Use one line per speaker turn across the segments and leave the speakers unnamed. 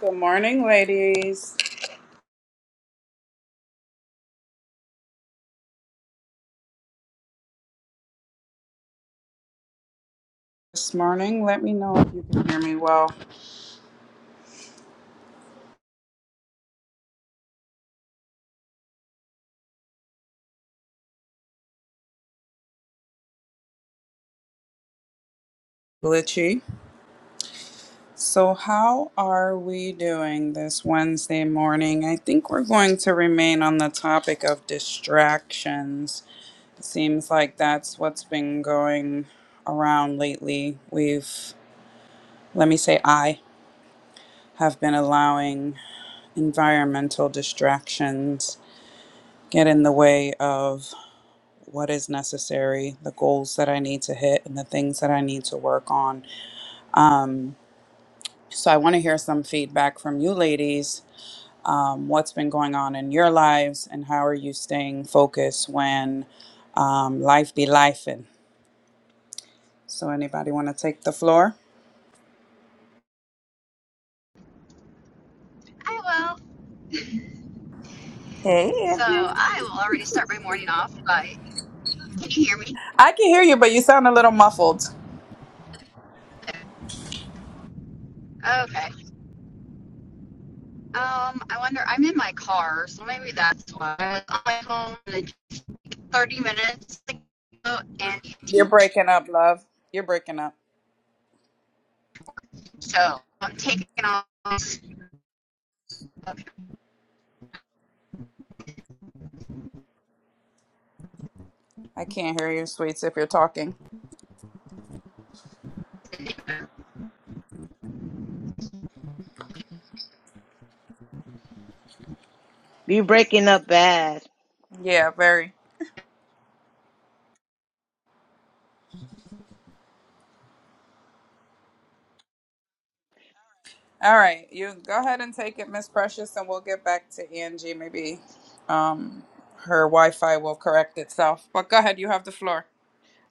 Good morning, ladies. This morning, let me know if you can hear me well. Glitchy. So, how are we doing this Wednesday morning? I think we're going to remain on the topic of distractions. It seems like that's what's been going around lately. We've, let me say, I have been allowing environmental distractions get in the way of what is necessary, the goals that I need to hit, and the things that I need to work on. Um, so I want to hear some feedback from you ladies. Um, what's been going on in your lives, and how are you staying focused when um, life be lifing? So anybody want to take the floor?
I
Hey,
will. So
Andrea.
I will already start my morning off by. Can you hear me?
I can hear you, but you sound a little muffled.
Okay. Um, I wonder. I'm in my car, so maybe that's why. I was on my phone like 30 minutes ago and
You're breaking up, love. You're breaking up.
So I'm taking off.
I can't hear you, sweets, if you're talking.
You breaking up bad.
Yeah, very. All right, you go ahead and take it, Miss Precious, and we'll get back to Angie. Maybe um, her Wi-Fi will correct itself. But go ahead, you have the floor.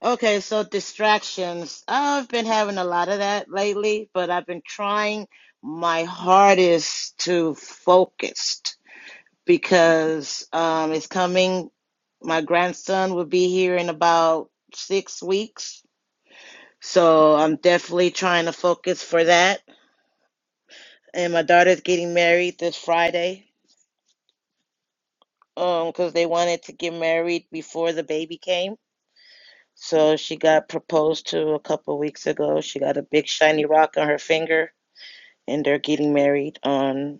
Okay, so distractions. I've been having a lot of that lately, but I've been trying my hardest to focus because um, it's coming. My grandson will be here in about six weeks. So I'm definitely trying to focus for that. And my daughter's getting married this Friday um, because they wanted to get married before the baby came. So she got proposed to a couple weeks ago. She got a big shiny rock on her finger, and they're getting married on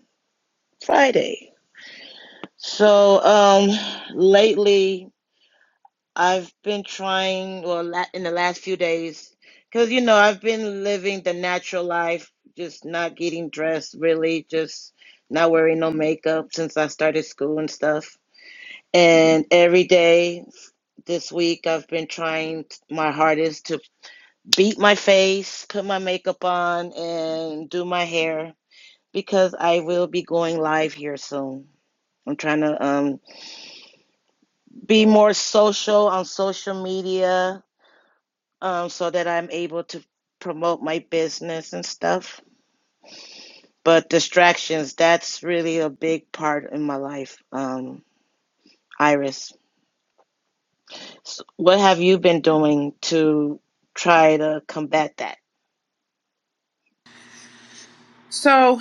Friday. So um, lately, I've been trying, well, in the last few days, because you know I've been living the natural life, just not getting dressed, really, just not wearing no makeup since I started school and stuff. And every day this week, I've been trying my hardest to beat my face, put my makeup on, and do my hair because I will be going live here soon. I'm trying to um, be more social on social media um, so that I'm able to promote my business and stuff. But distractions, that's really a big part in my life, um, Iris. S what have you been doing to try to combat that?
So,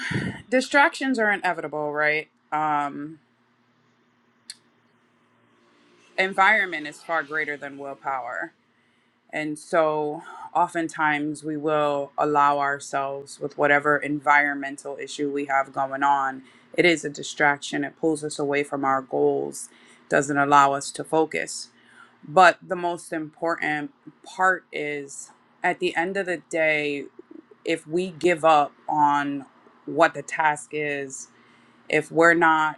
distractions are inevitable, right? Um, environment is far greater than willpower, and so oftentimes we will allow ourselves with whatever environmental issue we have going on. It is a distraction. It pulls us away from our goals. Doesn't allow us to focus But the most important part is at the end of the day, if we give up on what the task is, if we're not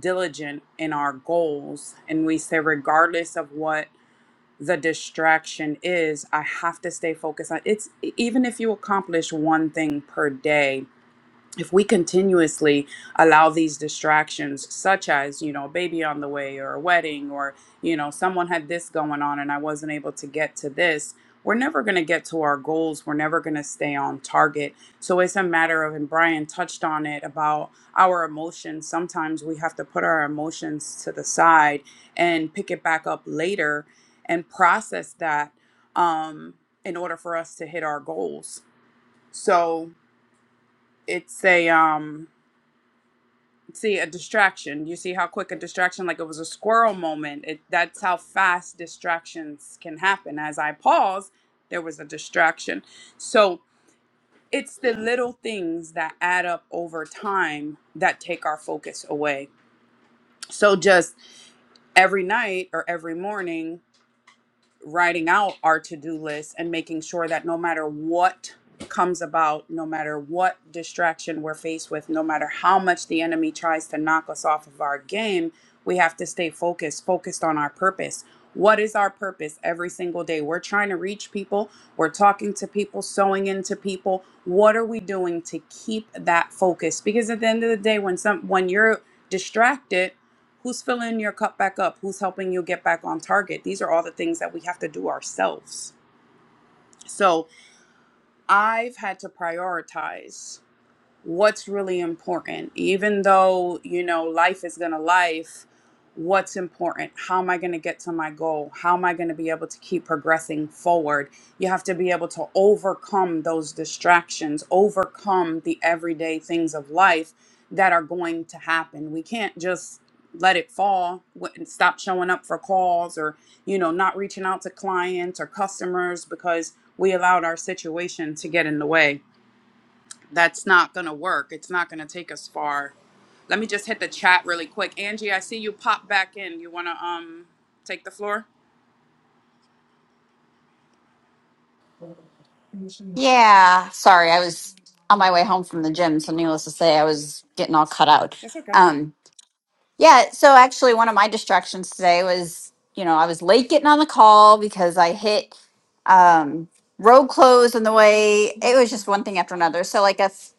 diligent in our goals, and we say, regardless of what the distraction is, I have to stay focused on it's even if you accomplish one thing per day, if we continuously allow these distractions such as you know a baby on the way or a wedding or you know someone had this going on and i wasn't able to get to this we're never going to get to our goals we're never going to stay on target so it's a matter of and brian touched on it about our emotions sometimes we have to put our emotions to the side and pick it back up later and process that um in order for us to hit our goals so it's a um see a distraction. You see how quick a distraction, like it was a squirrel moment. It, that's how fast distractions can happen. As I paused, there was a distraction. So it's the little things that add up over time that take our focus away. So just every night or every morning, writing out our to-do list and making sure that no matter what comes about no matter what distraction we're faced with no matter how much the enemy tries to knock us off of our game we have to stay focused focused on our purpose what is our purpose every single day we're trying to reach people we're talking to people sewing into people what are we doing to keep that focus because at the end of the day when some when you're distracted Who's filling your cup back up? Who's helping you get back on target? These are all the things that we have to do ourselves. So I've had to prioritize what's really important even though you know life is gonna life what's important how am i gonna get to my goal how am i gonna be able to keep progressing forward you have to be able to overcome those distractions overcome the everyday things of life that are going to happen we can't just let it fall wh- and stop showing up for calls or you know not reaching out to clients or customers because we allowed our situation to get in the way that's not going to work. It's not going to take us far. Let me just hit the chat really quick. Angie, I see you pop back in. You want to um take the floor?
Yeah, I was on my way home from the gym, so needless to say, I was getting all cut out.
That's okay.
Um. Yeah, so actually one of my distractions today was, you know, I was late getting on the call because I hit um road close on the way. It was just one thing after another. So like a f-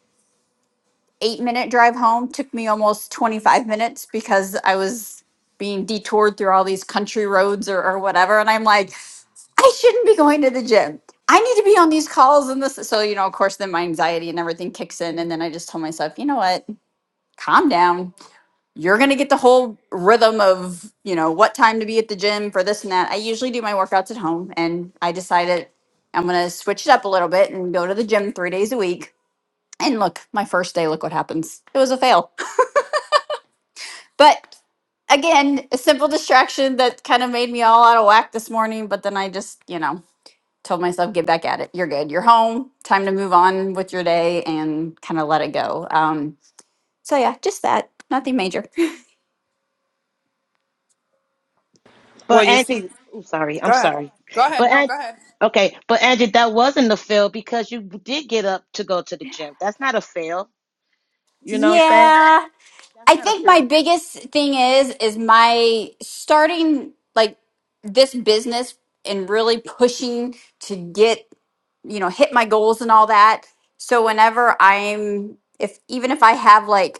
8 minute drive home took me almost 25 minutes because I was being detoured through all these country roads or or whatever and I'm like, I shouldn't be going to the gym. I need to be on these calls and this so you know, of course then my anxiety and everything kicks in and then I just tell myself, you know what? Calm down you're going to get the whole rhythm of you know what time to be at the gym for this and that i usually do my workouts at home and i decided i'm going to switch it up a little bit and go to the gym three days a week and look my first day look what happens it was a fail but again a simple distraction that kind of made me all out of whack this morning but then i just you know told myself get back at it you're good you're home time to move on with your day and kind of let it go um so yeah just that nothing major
Well,
But
you see,
Angie, oh sorry, I'm
go ahead.
sorry.
Go ahead.
But
No,
Angie,
go ahead.
okay, but Angie, that wasn't a fail because you did get up to go to the gym. That's not a fail. You know what I'm saying?
yeah
That's
I
not a
think my
fail.
biggest thing is is my starting like this business and really pushing to get you know hit my goals and all that. So whenever I'm if even if I have like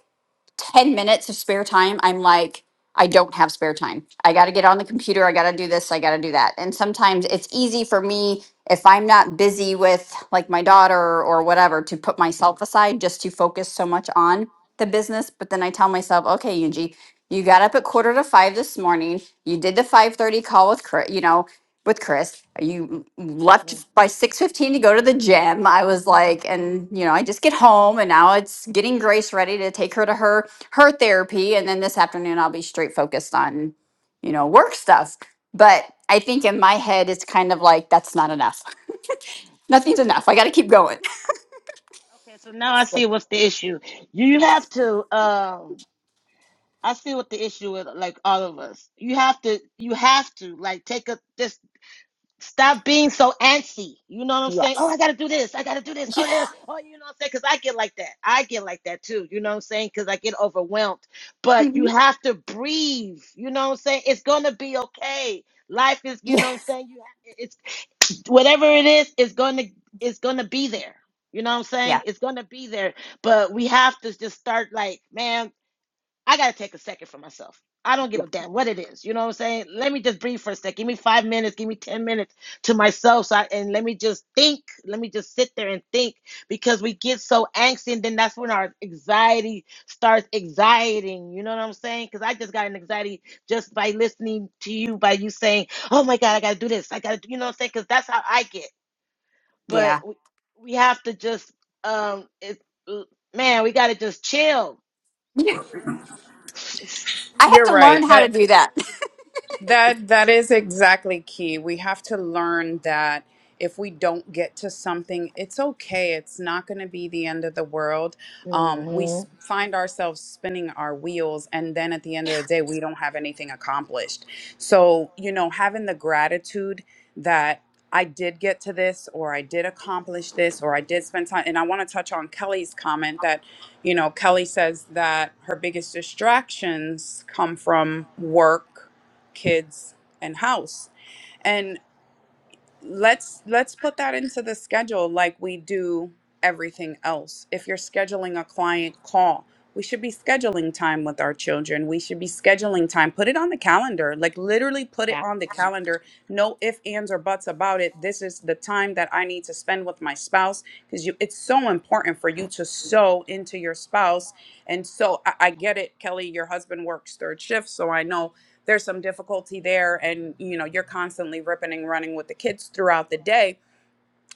10 minutes of spare time, I'm like, I don't have spare time. I got to get on the computer. I got to do this. I got to do that. And sometimes it's easy for me if I'm not busy with like my daughter or whatever to put myself aside just to focus so much on the business. But then I tell myself, okay, Yunji, you got up at quarter to five this morning. You did the 5:30 call with Chris, you know, with Chris. You
Mm.
left by 6:15 to go to the gym. I was like, and you know, I just get home and now it's getting Grace ready to take her to her her therapy and then this afternoon I'll be straight focused on you know work stuff but I think in my head it's kind of like that's not enough nothing's enough I got to keep going
Okay, so now I see what's the issue. You have to. Um, I see what the issue is. Like all of us, you have to. You have to like take a this. Stop being so antsy. You know what I'm saying? Oh,
yes
I gotta do this. I gotta do this.
yeah
Oh, there. Oh, you know what I'm saying? Because I get like that. I get like that too. You know what I'm saying? Because I get overwhelmed. But you
Mhm.
have to breathe. You know what I'm saying? It's gonna be okay. Life is. You
yeah
know what I'm saying? You. Have, it's whatever it is. It's gonna. It's gonna be there. You know what I'm
yeah
saying? It's gonna be there. But we have to just start like, man. I gotta take a second for myself. I don't give a damn what it is. You know what I'm saying? Let me just breathe for a sec. Give me five minutes. Give me ten minutes to myself. So I, and let me just think. Let me just sit there and think because we get so angsty, and then that's when our anxiety starts anxieting. You know what I'm saying? Because I just got an anxiety just by listening to you, by you saying, "Oh my God, I gotta do this. I gotta," do-" you know what I'm saying? Because that's how I get. But
yeah
we, we have to just, um, it, man, we gotta just chill.
yeah
You
I have
know.
You're
to learn
right.
how to
That
do that
That that is exactly key. We have to learn that if we don't get to something, it's okay. It's not going to be the end of the world. Um, we
hmm
s- find ourselves spinning our wheels, and then at the end of the day, we don't have anything accomplished. So you know, having the gratitude that. I did get to this, or I did accomplish this, or I did spend time. And I want to touch on Kelly's comment that, you know, Kelly says that her biggest distractions come from work kids and house and let's let's put that into the schedule like we do everything else if you're scheduling a client call we should be scheduling time with our children we should be scheduling time put it on the calendar like literally put it
yeah
on the calendar no if ands or buts about it this is the time that i need to spend with my spouse because you it's so important for you to sow into your spouse and so I, I get it kelly your husband works third shift so i know there's some difficulty there and you know you're constantly ripping and running with the kids throughout the day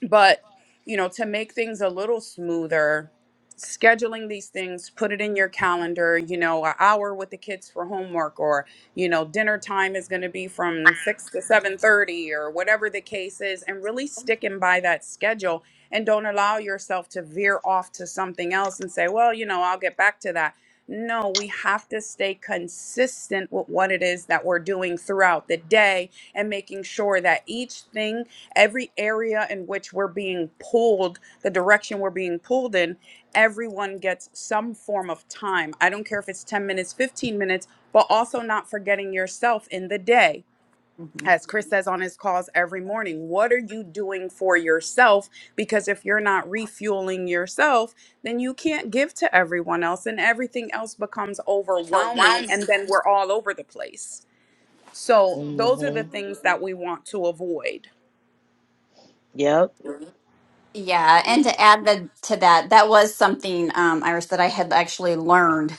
but you know to make things a little smoother scheduling these things put it in your calendar you know an hour with the kids for homework or you know dinner time is going to be from 6 to 7.30 or whatever the case is and really sticking by that schedule and don't allow yourself to veer off to something else and say well you know i'll get back to that no we have to stay consistent with what it is that we're doing throughout the day and making sure that each thing every area in which we're being pulled, the direction we're being pulled in, everyone gets some form of time. I don't care if it's 10 minutes, 15 minutes, but also not forgetting yourself in the day.
Mhm.
As Chris says on his calls every morning, what are you doing for yourself? Because if you're not refueling yourself, then you can't give to everyone else, and everything else becomes overwhelming. And then we're all over the place. So, those are the things that we want to avoid.
Yep.
Yeah, and to add the, to that, that was something, um, Iris, that I had actually learned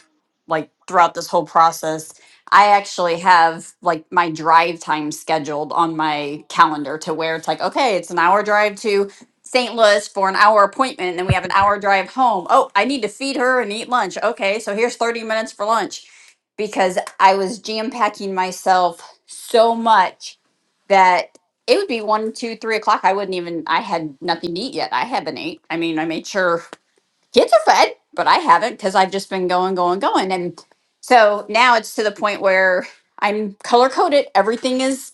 like throughout this whole process. I actually have like my drive time scheduled on my calendar to where it's like, okay, it's an hour drive to St. Louis for an hour appointment, and then we have an hour drive home. Oh, I need to feed her and eat lunch. Okay, so here's 30 minutes for lunch because I was jam packing myself so much that it would be one, two, three o'clock. I wouldn't even. I had nothing to eat yet. I haven't ate. I mean, I made sure kids are fed, but I haven't because I've just been going, going, going, and so now it's to the point where I'm color coded. Everything is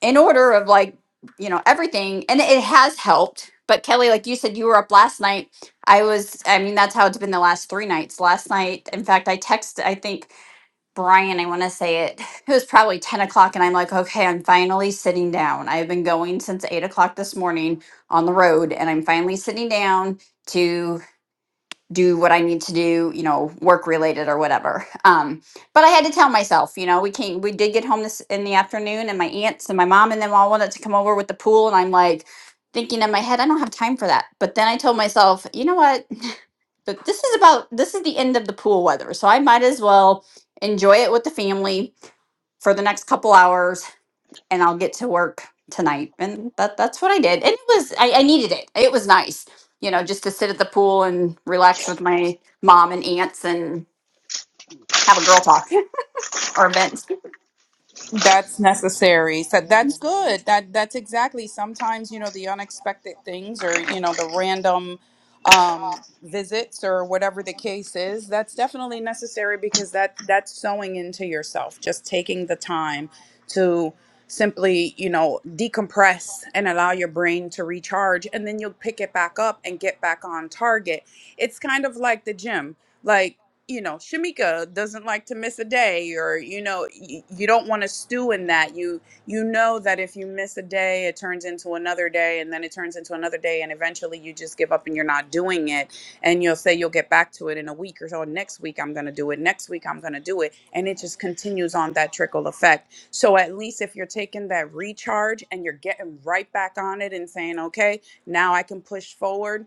in order of like you know everything, and it has helped. But Kelly, like you said, you were up last night. I was. I mean, that's how it's been the last three nights. Last night, in fact, I texted. I think. Brian, I want to say it. It was probably 10 o'clock, and I'm like, okay, I'm finally sitting down. I've been going since 8 o'clock this morning on the road, and I'm finally sitting down to do what I need to do, you know, work related or whatever. Um, but I had to tell myself, you know, we came, we did get home this in the afternoon, and my aunts and my mom and them all wanted to come over with the pool, and I'm like, thinking in my head, I don't have time for that. But then I told myself, you know what? But this is about, this is the end of the pool weather, so I might as well enjoy it with the family for the next couple hours and I'll get to work tonight. And that that's what I did. And it was I, I needed it. It was nice, you know, just to sit at the pool and relax with my mom and aunts and have a girl talk or vent.
That's necessary. So that's
hmm
good. That that's exactly. Sometimes you know the unexpected things, or you know the random um, visits, or whatever the case is. That's definitely necessary because that that's sewing into yourself. Just taking the time to simply you know decompress and allow your brain to recharge, and then you'll pick it back up and get back on target. It's kind of like the gym. Like you know, Shamika doesn't like to miss a day or you know, you, you don't want to stew in that. You you know that if you miss a day, it turns into another day and then it turns into another day and eventually you just give up and you're not doing it and you'll say you'll get back to it in a week or so next week I'm going to do it. Next week I'm going to do it and it just continues on that trickle effect. So at least if you're taking that recharge and you're getting right back on it and saying, "Okay, now I can push forward."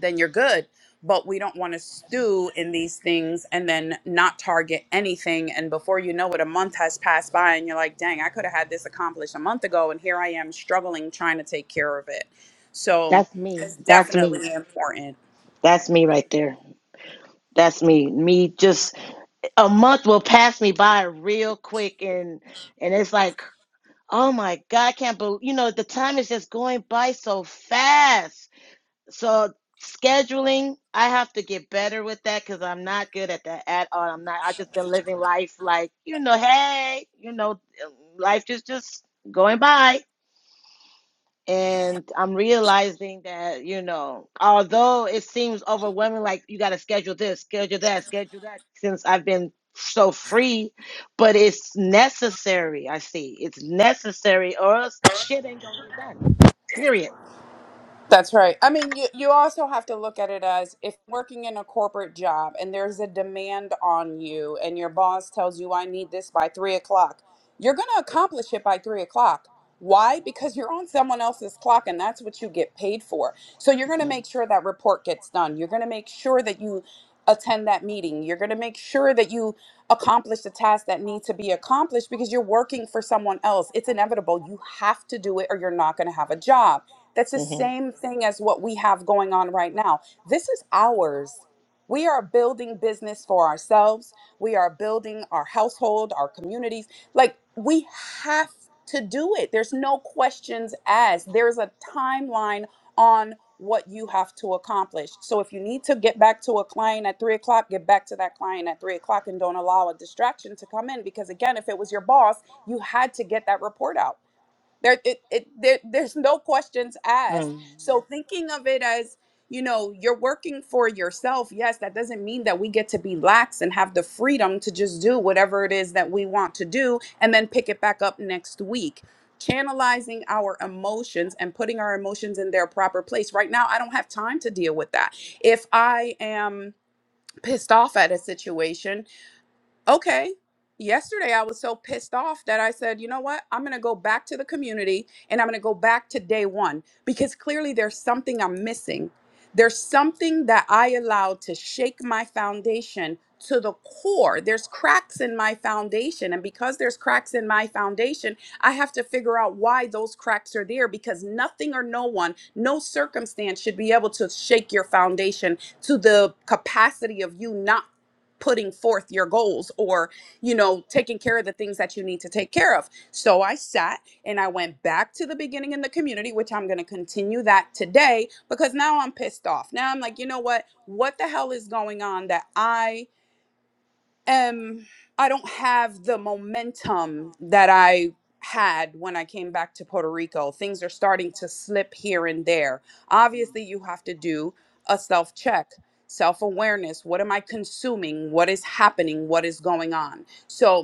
then you're good. But we don't want to stew in these things and then not target anything. And before you know it, a month has passed by and you're like, dang, I could have had this accomplished a month ago. And here I am struggling trying to take care of it. So
That's me.
it's
That's me.
definitely important.
That's me right there. That's me. Me just a month will pass me by real quick and and it's like, oh my God, I can't believe you know, the time is just going by so fast. So scheduling, I have to get better with that because I'm not good at that at all. I'm not I just been living life like, you know, hey, you know, life just just going by And I'm realizing that, you know, although it seems overwhelming, like you got to schedule this, schedule that, schedule that, since I've been so free, but it's necessary. I see it's necessary, or else shit ain't gonna get done. Period.
That's right. I mean, you, you also have to look at it as if working in a corporate job and there's a demand on you, and your boss tells you, I need this by three o'clock, you're going to accomplish it by three o'clock. Why? Because you're on someone else's clock and that's what you get paid for. So you're going to
Mhm.
make sure that report gets done. You're going to make sure that you attend that meeting. You're going to make sure that you accomplish the tasks that need to be accomplished because you're working for someone else. It's inevitable. You have to do it or you're not going to have a job. That's the
Mhm.
same thing as what we have going on right now. This is ours. We are building business for ourselves. We are building our household, our communities. Like we have to do it. There's no questions asked. There's a timeline on what you have to accomplish. So if you need to get back to a client at three o'clock, get back to that client at three o'clock and don't allow a distraction to come in. Because again, if it was your boss, you had to get that report out. There, it, it, there, there's no questions asked.
Mhm.
So thinking of it as, you know, you're working for yourself. Yes, that doesn't mean that we get to be lax and have the freedom to just do whatever it is that we want to do and then pick it back up next week. Channelizing our emotions and putting our emotions in their proper place. Right now, I don't have time to deal with that. If I am pissed off at a situation, okay yesterday i was so pissed off that i said you know what i'm going to go back to the community and i'm going to go back to day one because clearly there's something i'm missing there's something that i allowed to shake my foundation to the core there's cracks in my foundation and because there's cracks in my foundation i have to figure out why those cracks are there because nothing or no one no circumstance should be able to shake your foundation to the capacity of you not putting forth your goals or you know taking care of the things that you need to take care of so i sat and i went back to the beginning in the community which i'm going to continue that today because now i'm pissed off now i'm like you know what what the hell is going on that i um I don't have the momentum that I had when I came back to Puerto Rico. Things are starting to slip here and there. Obviously, you have to do a self check, self awareness. What am I consuming? What is happening? What is going on? So,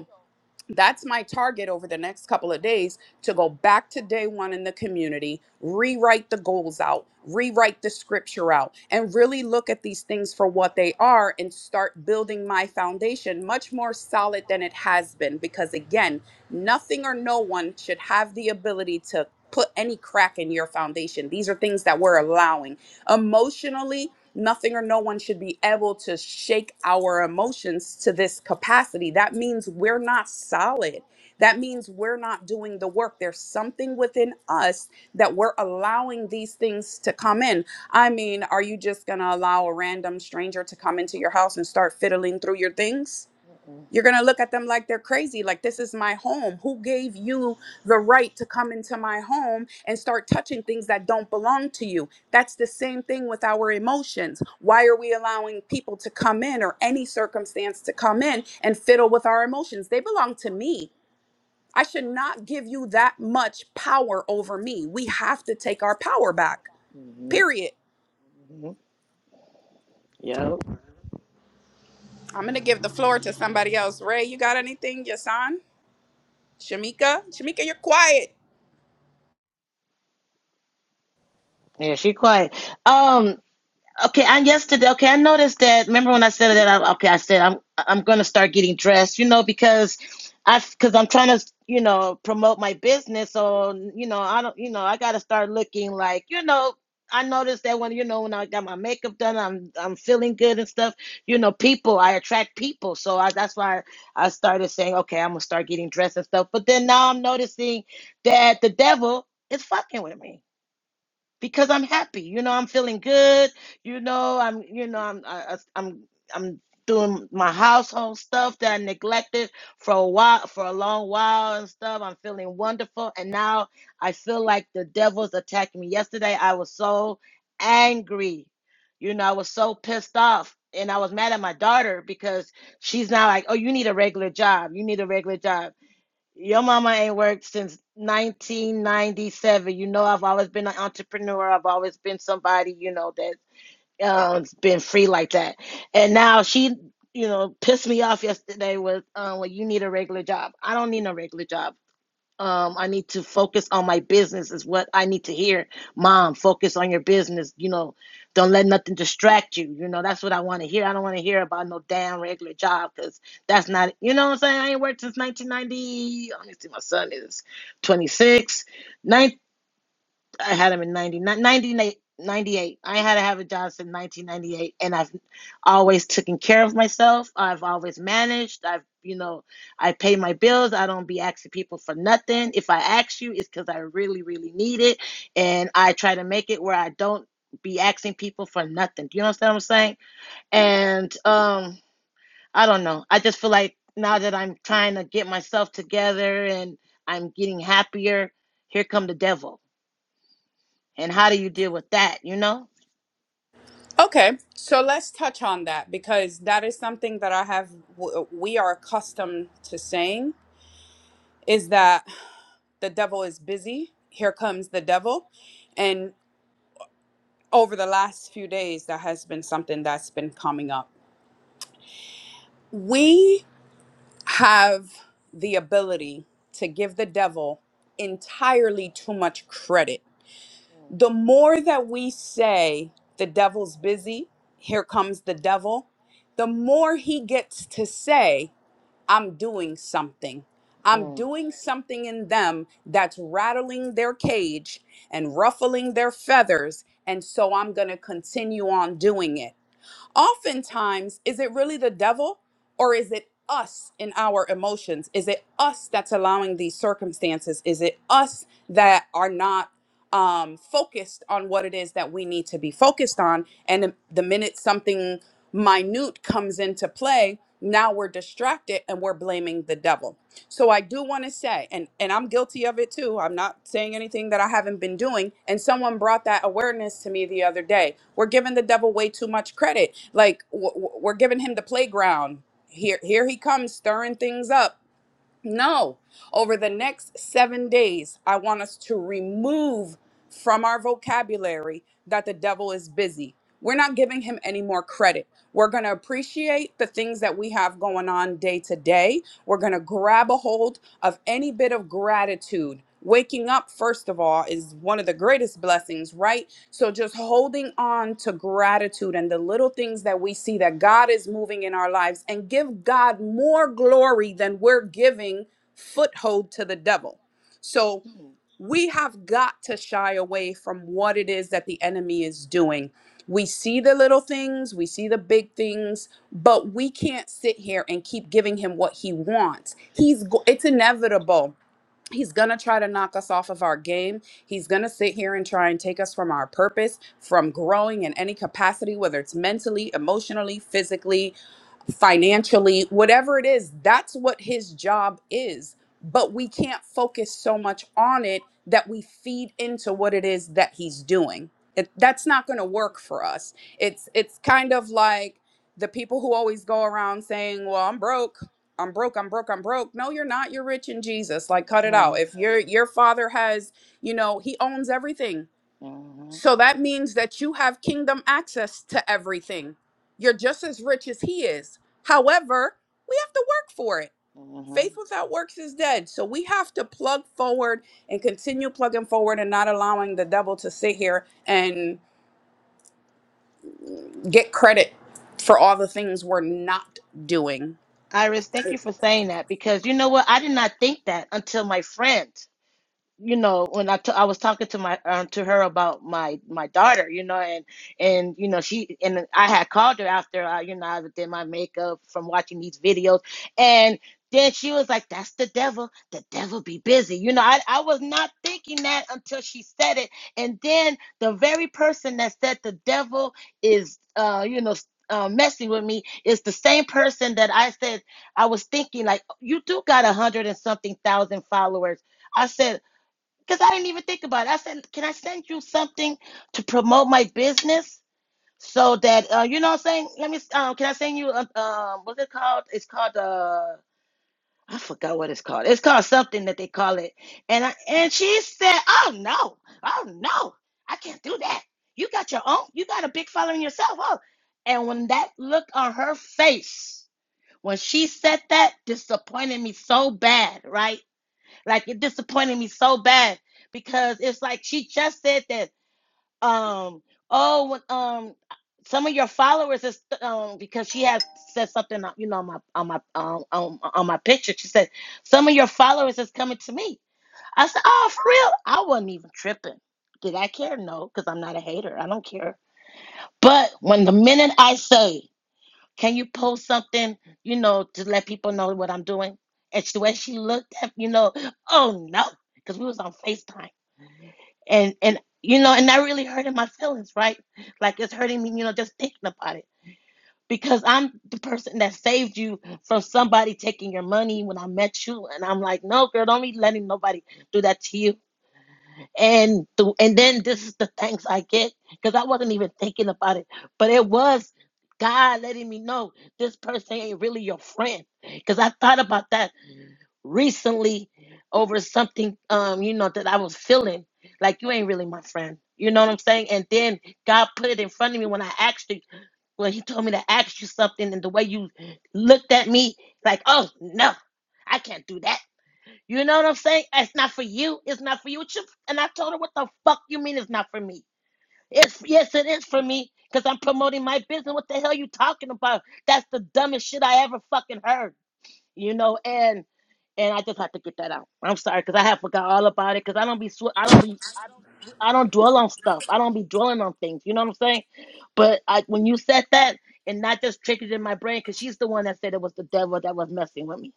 that's my target over the next couple of days to go back to day one in the community, rewrite the goals out, rewrite the scripture out, and really look at these things for what they are and start building my foundation much more solid than it has been. Because again, nothing or no one should have the ability to put any crack in your foundation. These are things that we're allowing emotionally. Nothing or no one should be able to shake our emotions to this capacity. That means we're not solid. That means we're not doing the work. There's something within us that we're allowing these things to come in. I mean, are you just going to allow a random stranger to come into your house and start fiddling through your things?
Mhm. Mhm.
You're going to look at them like they're crazy, like this is my home. Who gave you the right to come into my home and start touching things that don't belong to you? That's the same thing with our emotions. Why are we allowing people to come in or any circumstance to come in and fiddle with our emotions? They belong to me. I should not give you that much power over me. We have to take our power back,
Mhm.
period.
mhm. Yep.
I'm going to give the floor to somebody else. Ray, you got anything? Yasan? Shamika? Shamika, you're quiet.
Yeah, she quiet. Um, Okay, and yesterday, okay, I noticed that. Remember when I said that? I, okay, I said I'm I'm gonna start getting dressed, you know, because I because I'm trying to you know promote my business, so you know I don't you know I gotta start looking like you know. I noticed that when you know when I got my makeup done, I'm I'm feeling good and stuff. You know, people I attract people, so I, that's why I started saying, okay, I'm gonna start getting dressed and stuff. But then now I'm noticing that the devil is fucking with me because I'm happy. You know, I'm feeling good. You know, I'm you know I'm I, I- am I'm doing my household stuff that I neglected for a while for a long while and stuff. I'm feeling wonderful, and now I feel like the devil's attacking me. Yesterday, I was so angry. You know, I was so pissed off. And I was mad at my daughter because she's now like, "Oh, you need a regular job. You need a regular job." Your mama ain't worked since 1997. You know, I've always been an entrepreneur. I've always been somebody, you know, that um been free like that. And now she, you know, pissed me off yesterday with, um, well, you need a regular job. I don't need no regular job um i need to focus on my business is what i need to hear mom focus on your business you know don't let nothing distract you you know that's what i want to hear i don't want to hear about no damn regular job because that's not you know what i'm saying i ain't worked since 1990 let me see my son is 26 Nine. I had him in 99, ninety-eight, ninety-eight. I had to have a job since 1998, and I've always taken care of myself. I've always managed. I've, you know, I pay my bills. I don't be asking people for nothing. If I ask you, it's because I really, really need it, and I try to make it where I don't be asking people for nothing. Do you understand what I'm saying? And um, I don't know. I just feel like now that I'm trying to get myself together and I'm getting happier, here come the devil and how do you deal with that, you know?
Okay, so let's touch on that because that is something that I have, w- we are accustomed to saying is that the devil is busy. Here comes the devil. And over the last few days, that has been something that's been coming up. We have the ability to give the devil entirely too much credit. The more that we say the devil's busy, here comes the devil, the more he gets to say, I'm doing something. I'm doing something in them that's rattling their cage and ruffling their feathers. And so I'm going to continue on doing it. Oftentimes, is it really the devil or is it us in our emotions? Is it us that's allowing these circumstances? Is it us that are not um, focused on what it is that we need to be focused on? And the the minute something minute comes into play, now we're distracted and we're blaming the devil so I do want to say, and and I'm guilty of it too. I'm not saying anything that I haven't been doing. And someone brought that awareness to me the other day. We're giving the devil way too much credit. Like w- w- we're giving him the playground. Here, here he comes, stirring things up no. Over the next seven days, I want us to remove from our vocabulary that the devil is busy. We're not giving him any more credit. We're going to appreciate the things that we have going on day to day. We're going to grab a hold of any bit of gratitude. Waking up, first of all, is one of the greatest blessings, right? So just holding on to gratitude and the little things that we see that God is moving in our lives and give God more glory than we're giving foothold to the devil. So we have got to shy away from what it is that the enemy is doing. We see the little things, we see the big things, but we can't sit here and keep giving him what he wants. He's go- it's inevitable He's going to try to knock us off of our game. He's going to sit here and try and take us from our purpose, from growing in any capacity, whether it's mentally, emotionally, physically, financially, whatever it is, that's what his job is. But we can't focus so much on it that we feed into what it is that he's doing. It, that's not going to work for us. It's it's kind of like the people who always go around saying, "Well, I'm broke." I'm broke, I'm broke, I'm broke. No, you're not. You're rich in Jesus. Like cut it out. If your your father has, you know, he owns everything. So that means that you have kingdom access to everything. You're just as rich as he is. However, we have to work for it. Faith without works is dead. So we have to plug forward and continue plugging forward and not allowing the devil to sit here and get credit for all the things we're not doing
Iris, thank you for saying that because you know what? I did not think that until my friend. you know when I t- I was talking to my um, to her about my my daughter you know and and you know she and I had called her after I you know I did my makeup from watching these videos and then she was like that's the devil the devil be busy you know I, I was not thinking that until she said it and then the very person that said the devil is uh you know s- uh, messing with me is the same person that I said I was thinking like you do got a hundred and something thousand followers I said because I didn't even think about it. I said, can I send you something to promote my business so that, uh, you know what I'm saying? Let me, um, can I send you, um, um, what's it called? It's called, uh, I forgot what it's called. It's called something that they call it. And I, and she said, oh no, oh no, I can't do that. You got your own, you got a big following yourself. Oh. And when that look on her face, when she said that, disappointed me so bad, right? Like it disappointed me so bad because it's like she just said that um oh um some of your followers is um because she had said something uh, you know on my on my um, on, on my picture she said some of your followers is coming to me. I said oh for real I wasn't even tripping. Did I care? No, because I'm not a hater. I don't care. But when the minute I say can you post something, you know, to let people know what I'm doing? And she, the way she looked at, you know, oh no, because we was on FaceTime. And and you know, and that really hurted my feelings, right? Like it's hurting me, you know, just thinking about it. Because I'm the person that saved you from somebody taking your money when I met you. And I'm like, no, girl, don't be letting nobody do that to you and the, and then this is the thanks I get because I wasn't even thinking about it, but it was God letting me know this person ain't really your friend because I thought about that recently over something um you know that I was feeling like you ain't really my friend. You know what I'm saying? And then God put it in front of me when I asked you when He told me to ask you something, and the way you looked at me like, oh no, I can't do that you know what I'm saying? It's not for you. It's not for you. It's your- and I told her, what the fuck you mean it's not for me? It's yes, it is for me because I'm promoting my business. What the hell you talking about? That's the dumbest shit I ever fucking heard. You know, and and I just had to get that out. I'm sorry because I have forgot all about it because I don't be sw- I don't be I don't I don't dwell on stuff. I don't be dwelling on things. You know what I'm saying? But I, when you said that, and not just triggered in my brain because she's the one that said it was the devil that was messing with me.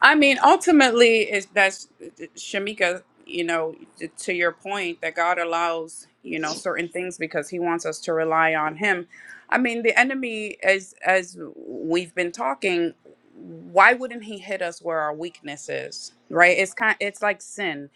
I mean, ultimately, is that's Shamika. You know, to your point, that God allows you know certain things because He wants us to rely on Him. I mean, the enemy, as as we've been talking, why wouldn't He hit us where our weakness is? Right? It's kind. It's like sin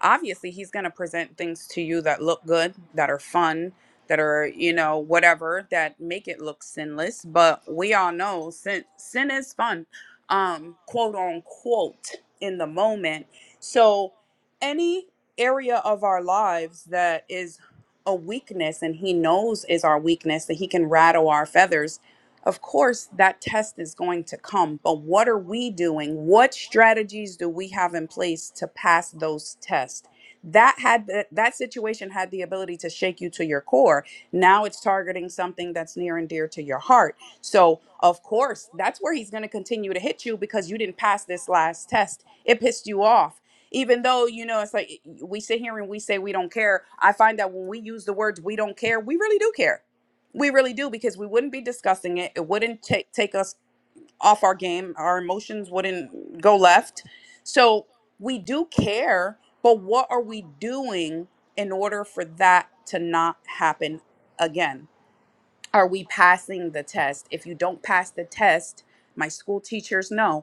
obviously he's going to present things to you that look good, that are fun, that are, you know, whatever, that make it look sinless, but we all know sin sin is fun. Um quote unquote in the moment. So any area of our lives that is a weakness and he knows is our weakness that he can rattle our feathers of course, that test is going to come, but what are we doing? What strategies do we have in place to pass those tests? That had that, that situation had the ability to shake you to your core. Now it's targeting something that's near and dear to your heart. So, of course, that's where he's going to continue to hit you because you didn't pass this last test. It pissed you off. Even though, you know, it's like we sit here and we say we don't care. I find that when we use the words we don't care, we really do care we really do because we wouldn't be discussing it. It wouldn't take take us off our game. Our emotions wouldn't go left. So we do care, but what are we doing in order for that to not happen again? Are we passing the test? If you don't pass the test, my school teachers know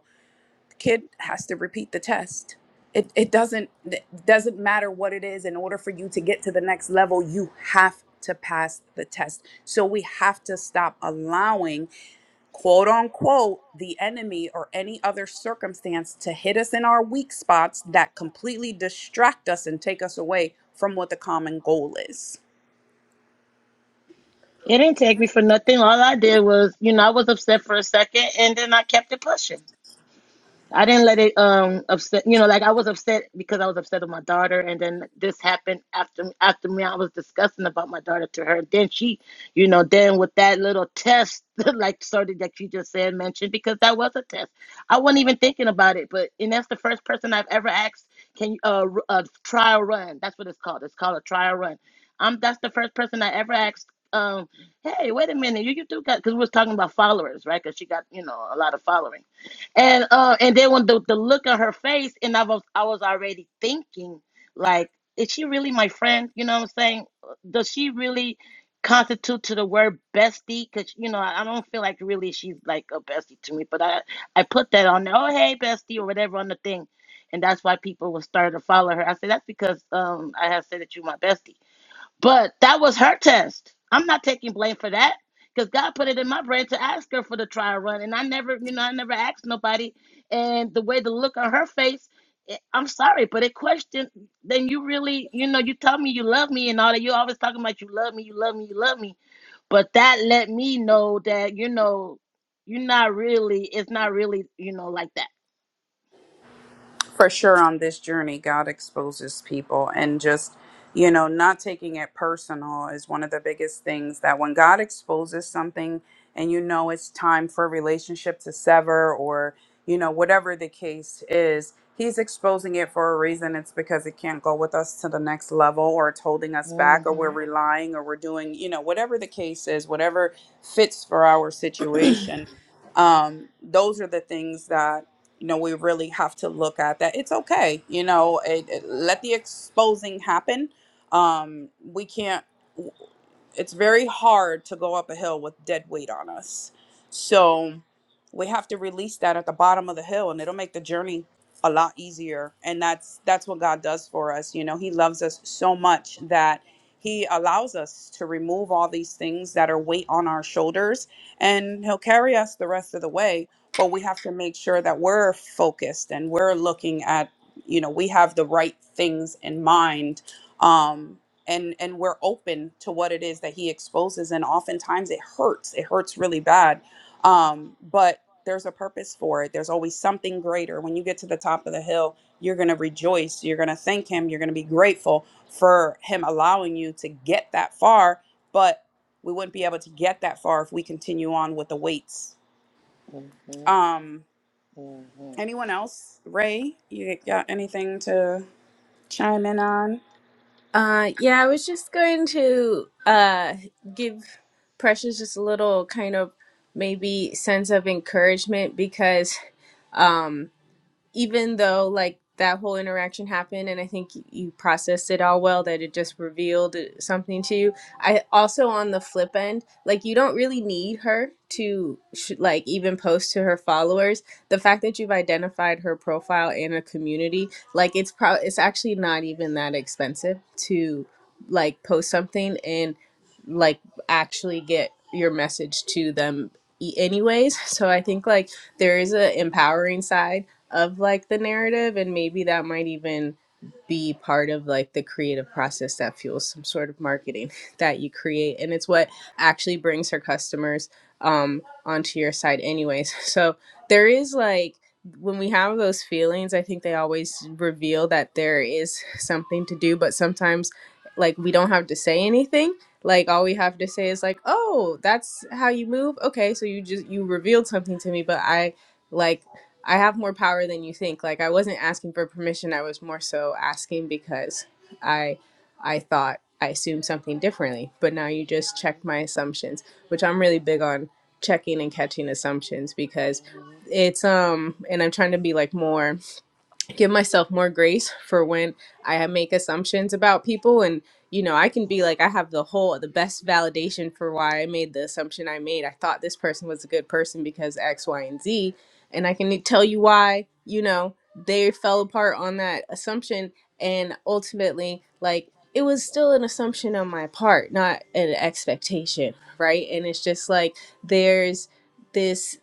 kid has to repeat the test. It, it doesn't it doesn't matter what it is in order for you to get to the next level you have to pass the test so we have to stop allowing quote unquote the enemy or any other circumstance to hit us in our weak spots that completely distract us and take us away from what the common goal is
It didn't take me for nothing. All I did was, you know, I was upset for a second and then I kept it pushing. I didn't let it um upset you know like I was upset because I was upset with my daughter and then this happened after after me I was discussing about my daughter to her then she you know then with that little test like started that you just said mentioned because that was a test I wasn't even thinking about it but and that's the first person I've ever asked can you uh, r- a trial run that's what it's called it's called a trial run um that's the first person I ever asked um hey wait a minute you you do got because we was talking about followers right because she got you know a lot of following and uh, and then when the, the look on her face, and I was I was already thinking like, is she really my friend? You know what I'm saying? Does she really constitute to the word bestie? Cause you know I, I don't feel like really she's like a bestie to me, but I I put that on there. Oh hey bestie or whatever on the thing, and that's why people will start to follow her. I said that's because um I have said that you my bestie but that was her test. I'm not taking blame for that because God put it in my brain to ask her for the trial run, and I never, you know, I never asked nobody. And the way the look on her face, it, I'm sorry, but it questioned. Then you really, you know, you tell me you love me and all that. You're always talking about you love me, you love me, you love me. But that let me know that you know, you're not really. It's not really, you know, like that.
for sure on this journey god exposes people and just you know not taking it personal is one of the biggest things that when god exposes something and you know it's time for a relationship to sever or you know whatever the case is he's exposing it for a reason it's because it can't go with us to the next level or it's holding us back or
hmm
we're relying or we're doing you know whatever the case is whatever fits for our situation um, those are the things that you know we really have to look at that it's okay you know it, it- let the exposing happen um we can't it's very hard to go up a hill with dead weight on us so we have to release that at the bottom of the hill and it'll make the journey a lot easier and that's that's what god does for us you know he loves us so much that he allows us to remove all these things that are weight on our shoulders and he'll carry us the rest of the way but we have to make sure that we're focused and we're looking at you know we have the right things in mind um and and we're open to what it is that he exposes and oftentimes it hurts it hurts really bad um but there's a purpose for it there's always something greater when you get to the top of the hill you're going to rejoice you're going to thank him you're going to be grateful for him allowing you to get that far but we wouldn't be able to get that far if we continue on with the weights
hmm
um
hmm
Anyone else? Ray, you got anything to chime in on?
Uh, yeah, I was just going to uh give Precious just a little kind of maybe sense of encouragement because um, even though like that whole interaction happened and i think y- you processed it all well that it just revealed uh, something to you i also on the flip end like you don't really need her to sh- like even post to her followers the fact that you've identified her profile and a community like it's pro it's actually not even that expensive to like post something and like actually get your message to them e- anyways so i think like there is a empowering side of like the narrative and maybe that might even be part of like the creative process that fuels some sort of marketing that you create and it's what actually brings her customers um onto your site anyways so there is like when we have those feelings i think they always reveal that there is something to do but sometimes like we don't have to say anything like all we have to say is like oh that's how you move okay so you just you revealed something to me but i like I have more power than you think. Like I wasn't asking for permission. I was more so asking because I I thought I assumed something differently. But now you just checked my assumptions, which I'm really big on checking and catching assumptions because
Yeah.
it's um and I'm trying to be like more give myself more grace for when I make assumptions about people and you know, I can be like I have the whole the best validation for why I made the assumption I made. I thought this person was a good person because X, Y, and Z, and I can tell you why, you know, they fell apart on that assumption and ultimately like it was still an assumption on my part, not an expectation, right? And it's just like there's this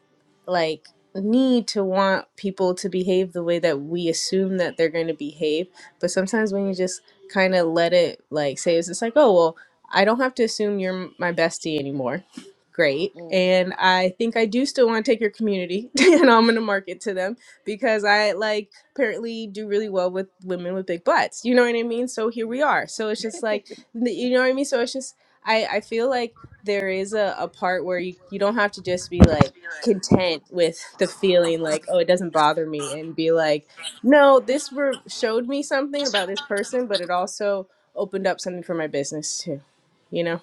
like need to want people to behave the way that we assume that they're going to behave. But sometimes when you just kind of let it, like, say, it's just like, oh, well, I don't have to assume you're my bestie anymore. Great.
Mm-hmm. hmm hmm
And I think I do still want to take your community and I'm going to market to them because I like apparently do really well with women with big butts. You know what I mean? So here we are. So it's just like, you know what I mean? So it's just, I, I feel like there is a, a part where you, you don't have to just be like, content with the feeling like, oh, it doesn't bother me, and be like, no, this re- showed me something about this person, but it also opened up something for my business too, you know?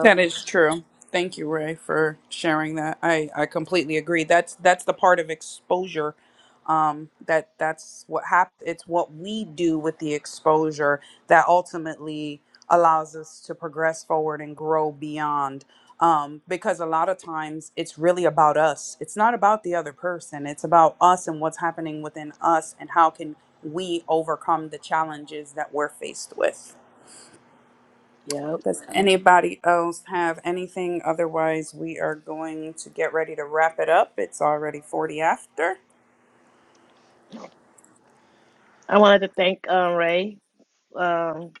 That is true. Thank you,
Yep.
Ray, for sharing that. I, I completely agree. That's that's the part of exposure. Um, that that's what happens. It's what we do with the exposure that ultimately allows us to progress forward and grow beyond. Um, because a lot of times it's really about us. It's not about the other person. It's about us and what's happening within us and how can we overcome the challenges that we're faced with.
Yep.
Does anybody else have anything? Otherwise, we are going to get ready to wrap it up. It's already 40 after.
I wanted to thank um Ray. Um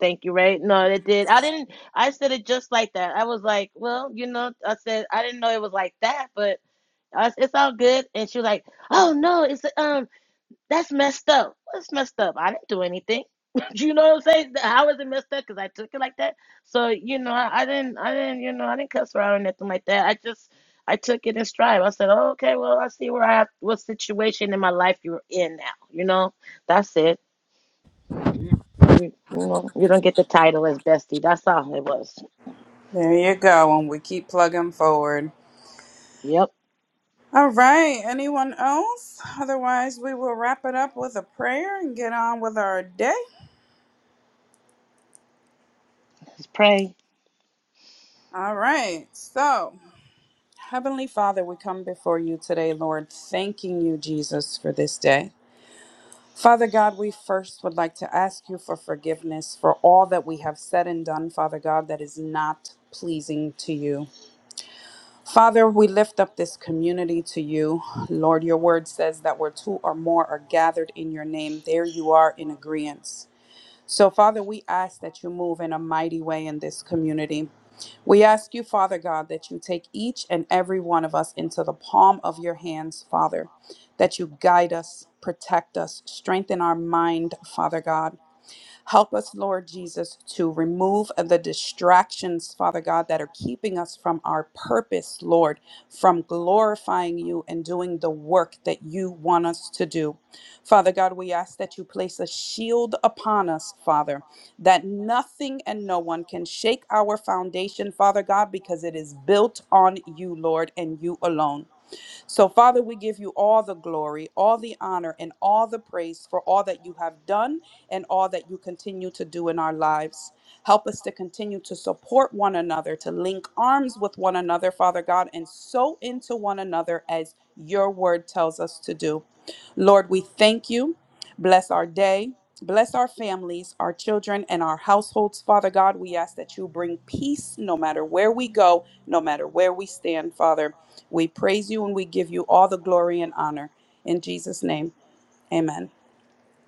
thank you, Ray. No, it did. I didn't I said it just like that. I was like, well, you know, I said I didn't know it was like that, but I s- it's all good. And she was like, oh no, it's um That's messed up. That's messed up. I didn't do anything. you know what I'm saying? How is it messed up? Because I took it like that. So you know, I, I didn't, I didn't, you know, I didn't cuss her out or nothing like that. I just, I took it in stride. I said, oh, okay, well, I see where I have, what situation in my life you're in now. You know, that's it. You, you know, you don't get the title as bestie. That's all it was.
There you go. And we keep plugging forward.
Yep.
All right. Anyone else? Otherwise, we will wrap it up with a prayer and get on with our day.
Just pray.
All right. So, Heavenly Father, we come before you today, Lord, thanking you, Jesus, for this day. Father God, we first would like to ask you for forgiveness for all that we have said and done, Father God, that is not pleasing to you. Father, we lift up this community to you. Lord, your word says that where two or more are gathered in your name, there you are in agreement. So, Father, we ask that you move in a mighty way in this community. We ask you, Father God, that you take each and every one of us into the palm of your hands, Father, that you guide us, protect us, strengthen our mind, Father God. Help us, Lord Jesus, to remove the distractions, Father God, that are keeping us from our purpose, Lord, from glorifying you and doing the work that you want us to do. Father God, we ask that you place a shield upon us, Father, that nothing and no one can shake our foundation, Father God, because it is built on you, Lord, and you alone. So, Father, we give you all the glory, all the honor, and all the praise for all that you have done and all that you continue to do in our lives. Help us to continue to support one another, to link arms with one another, Father God, and sow into one another as your word tells us to do. Lord, we thank you. Bless our day. Bless our families, our children, and our households. Father God, we ask that you bring peace no matter where we go, no matter where we stand, Father. We praise you and we give you all the glory and honor. In Jesus' name, amen.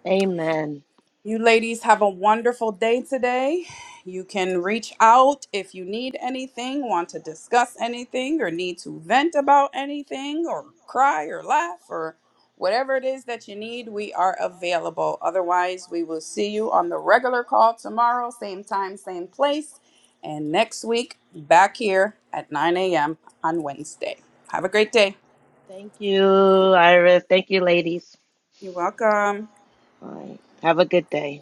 Amen.
You ladies have a wonderful day today. You can reach out if you need anything, want to discuss anything, or need to vent about anything, or cry or laugh, or whatever it is that you need, we are available. Otherwise, we will see you on the regular call tomorrow, same time, same place, and next week back here at 9 a.m. on Wednesday. Have a great day.
Thank you, Iris. Thank you, ladies.
You're welcome.
All right. Have a good day.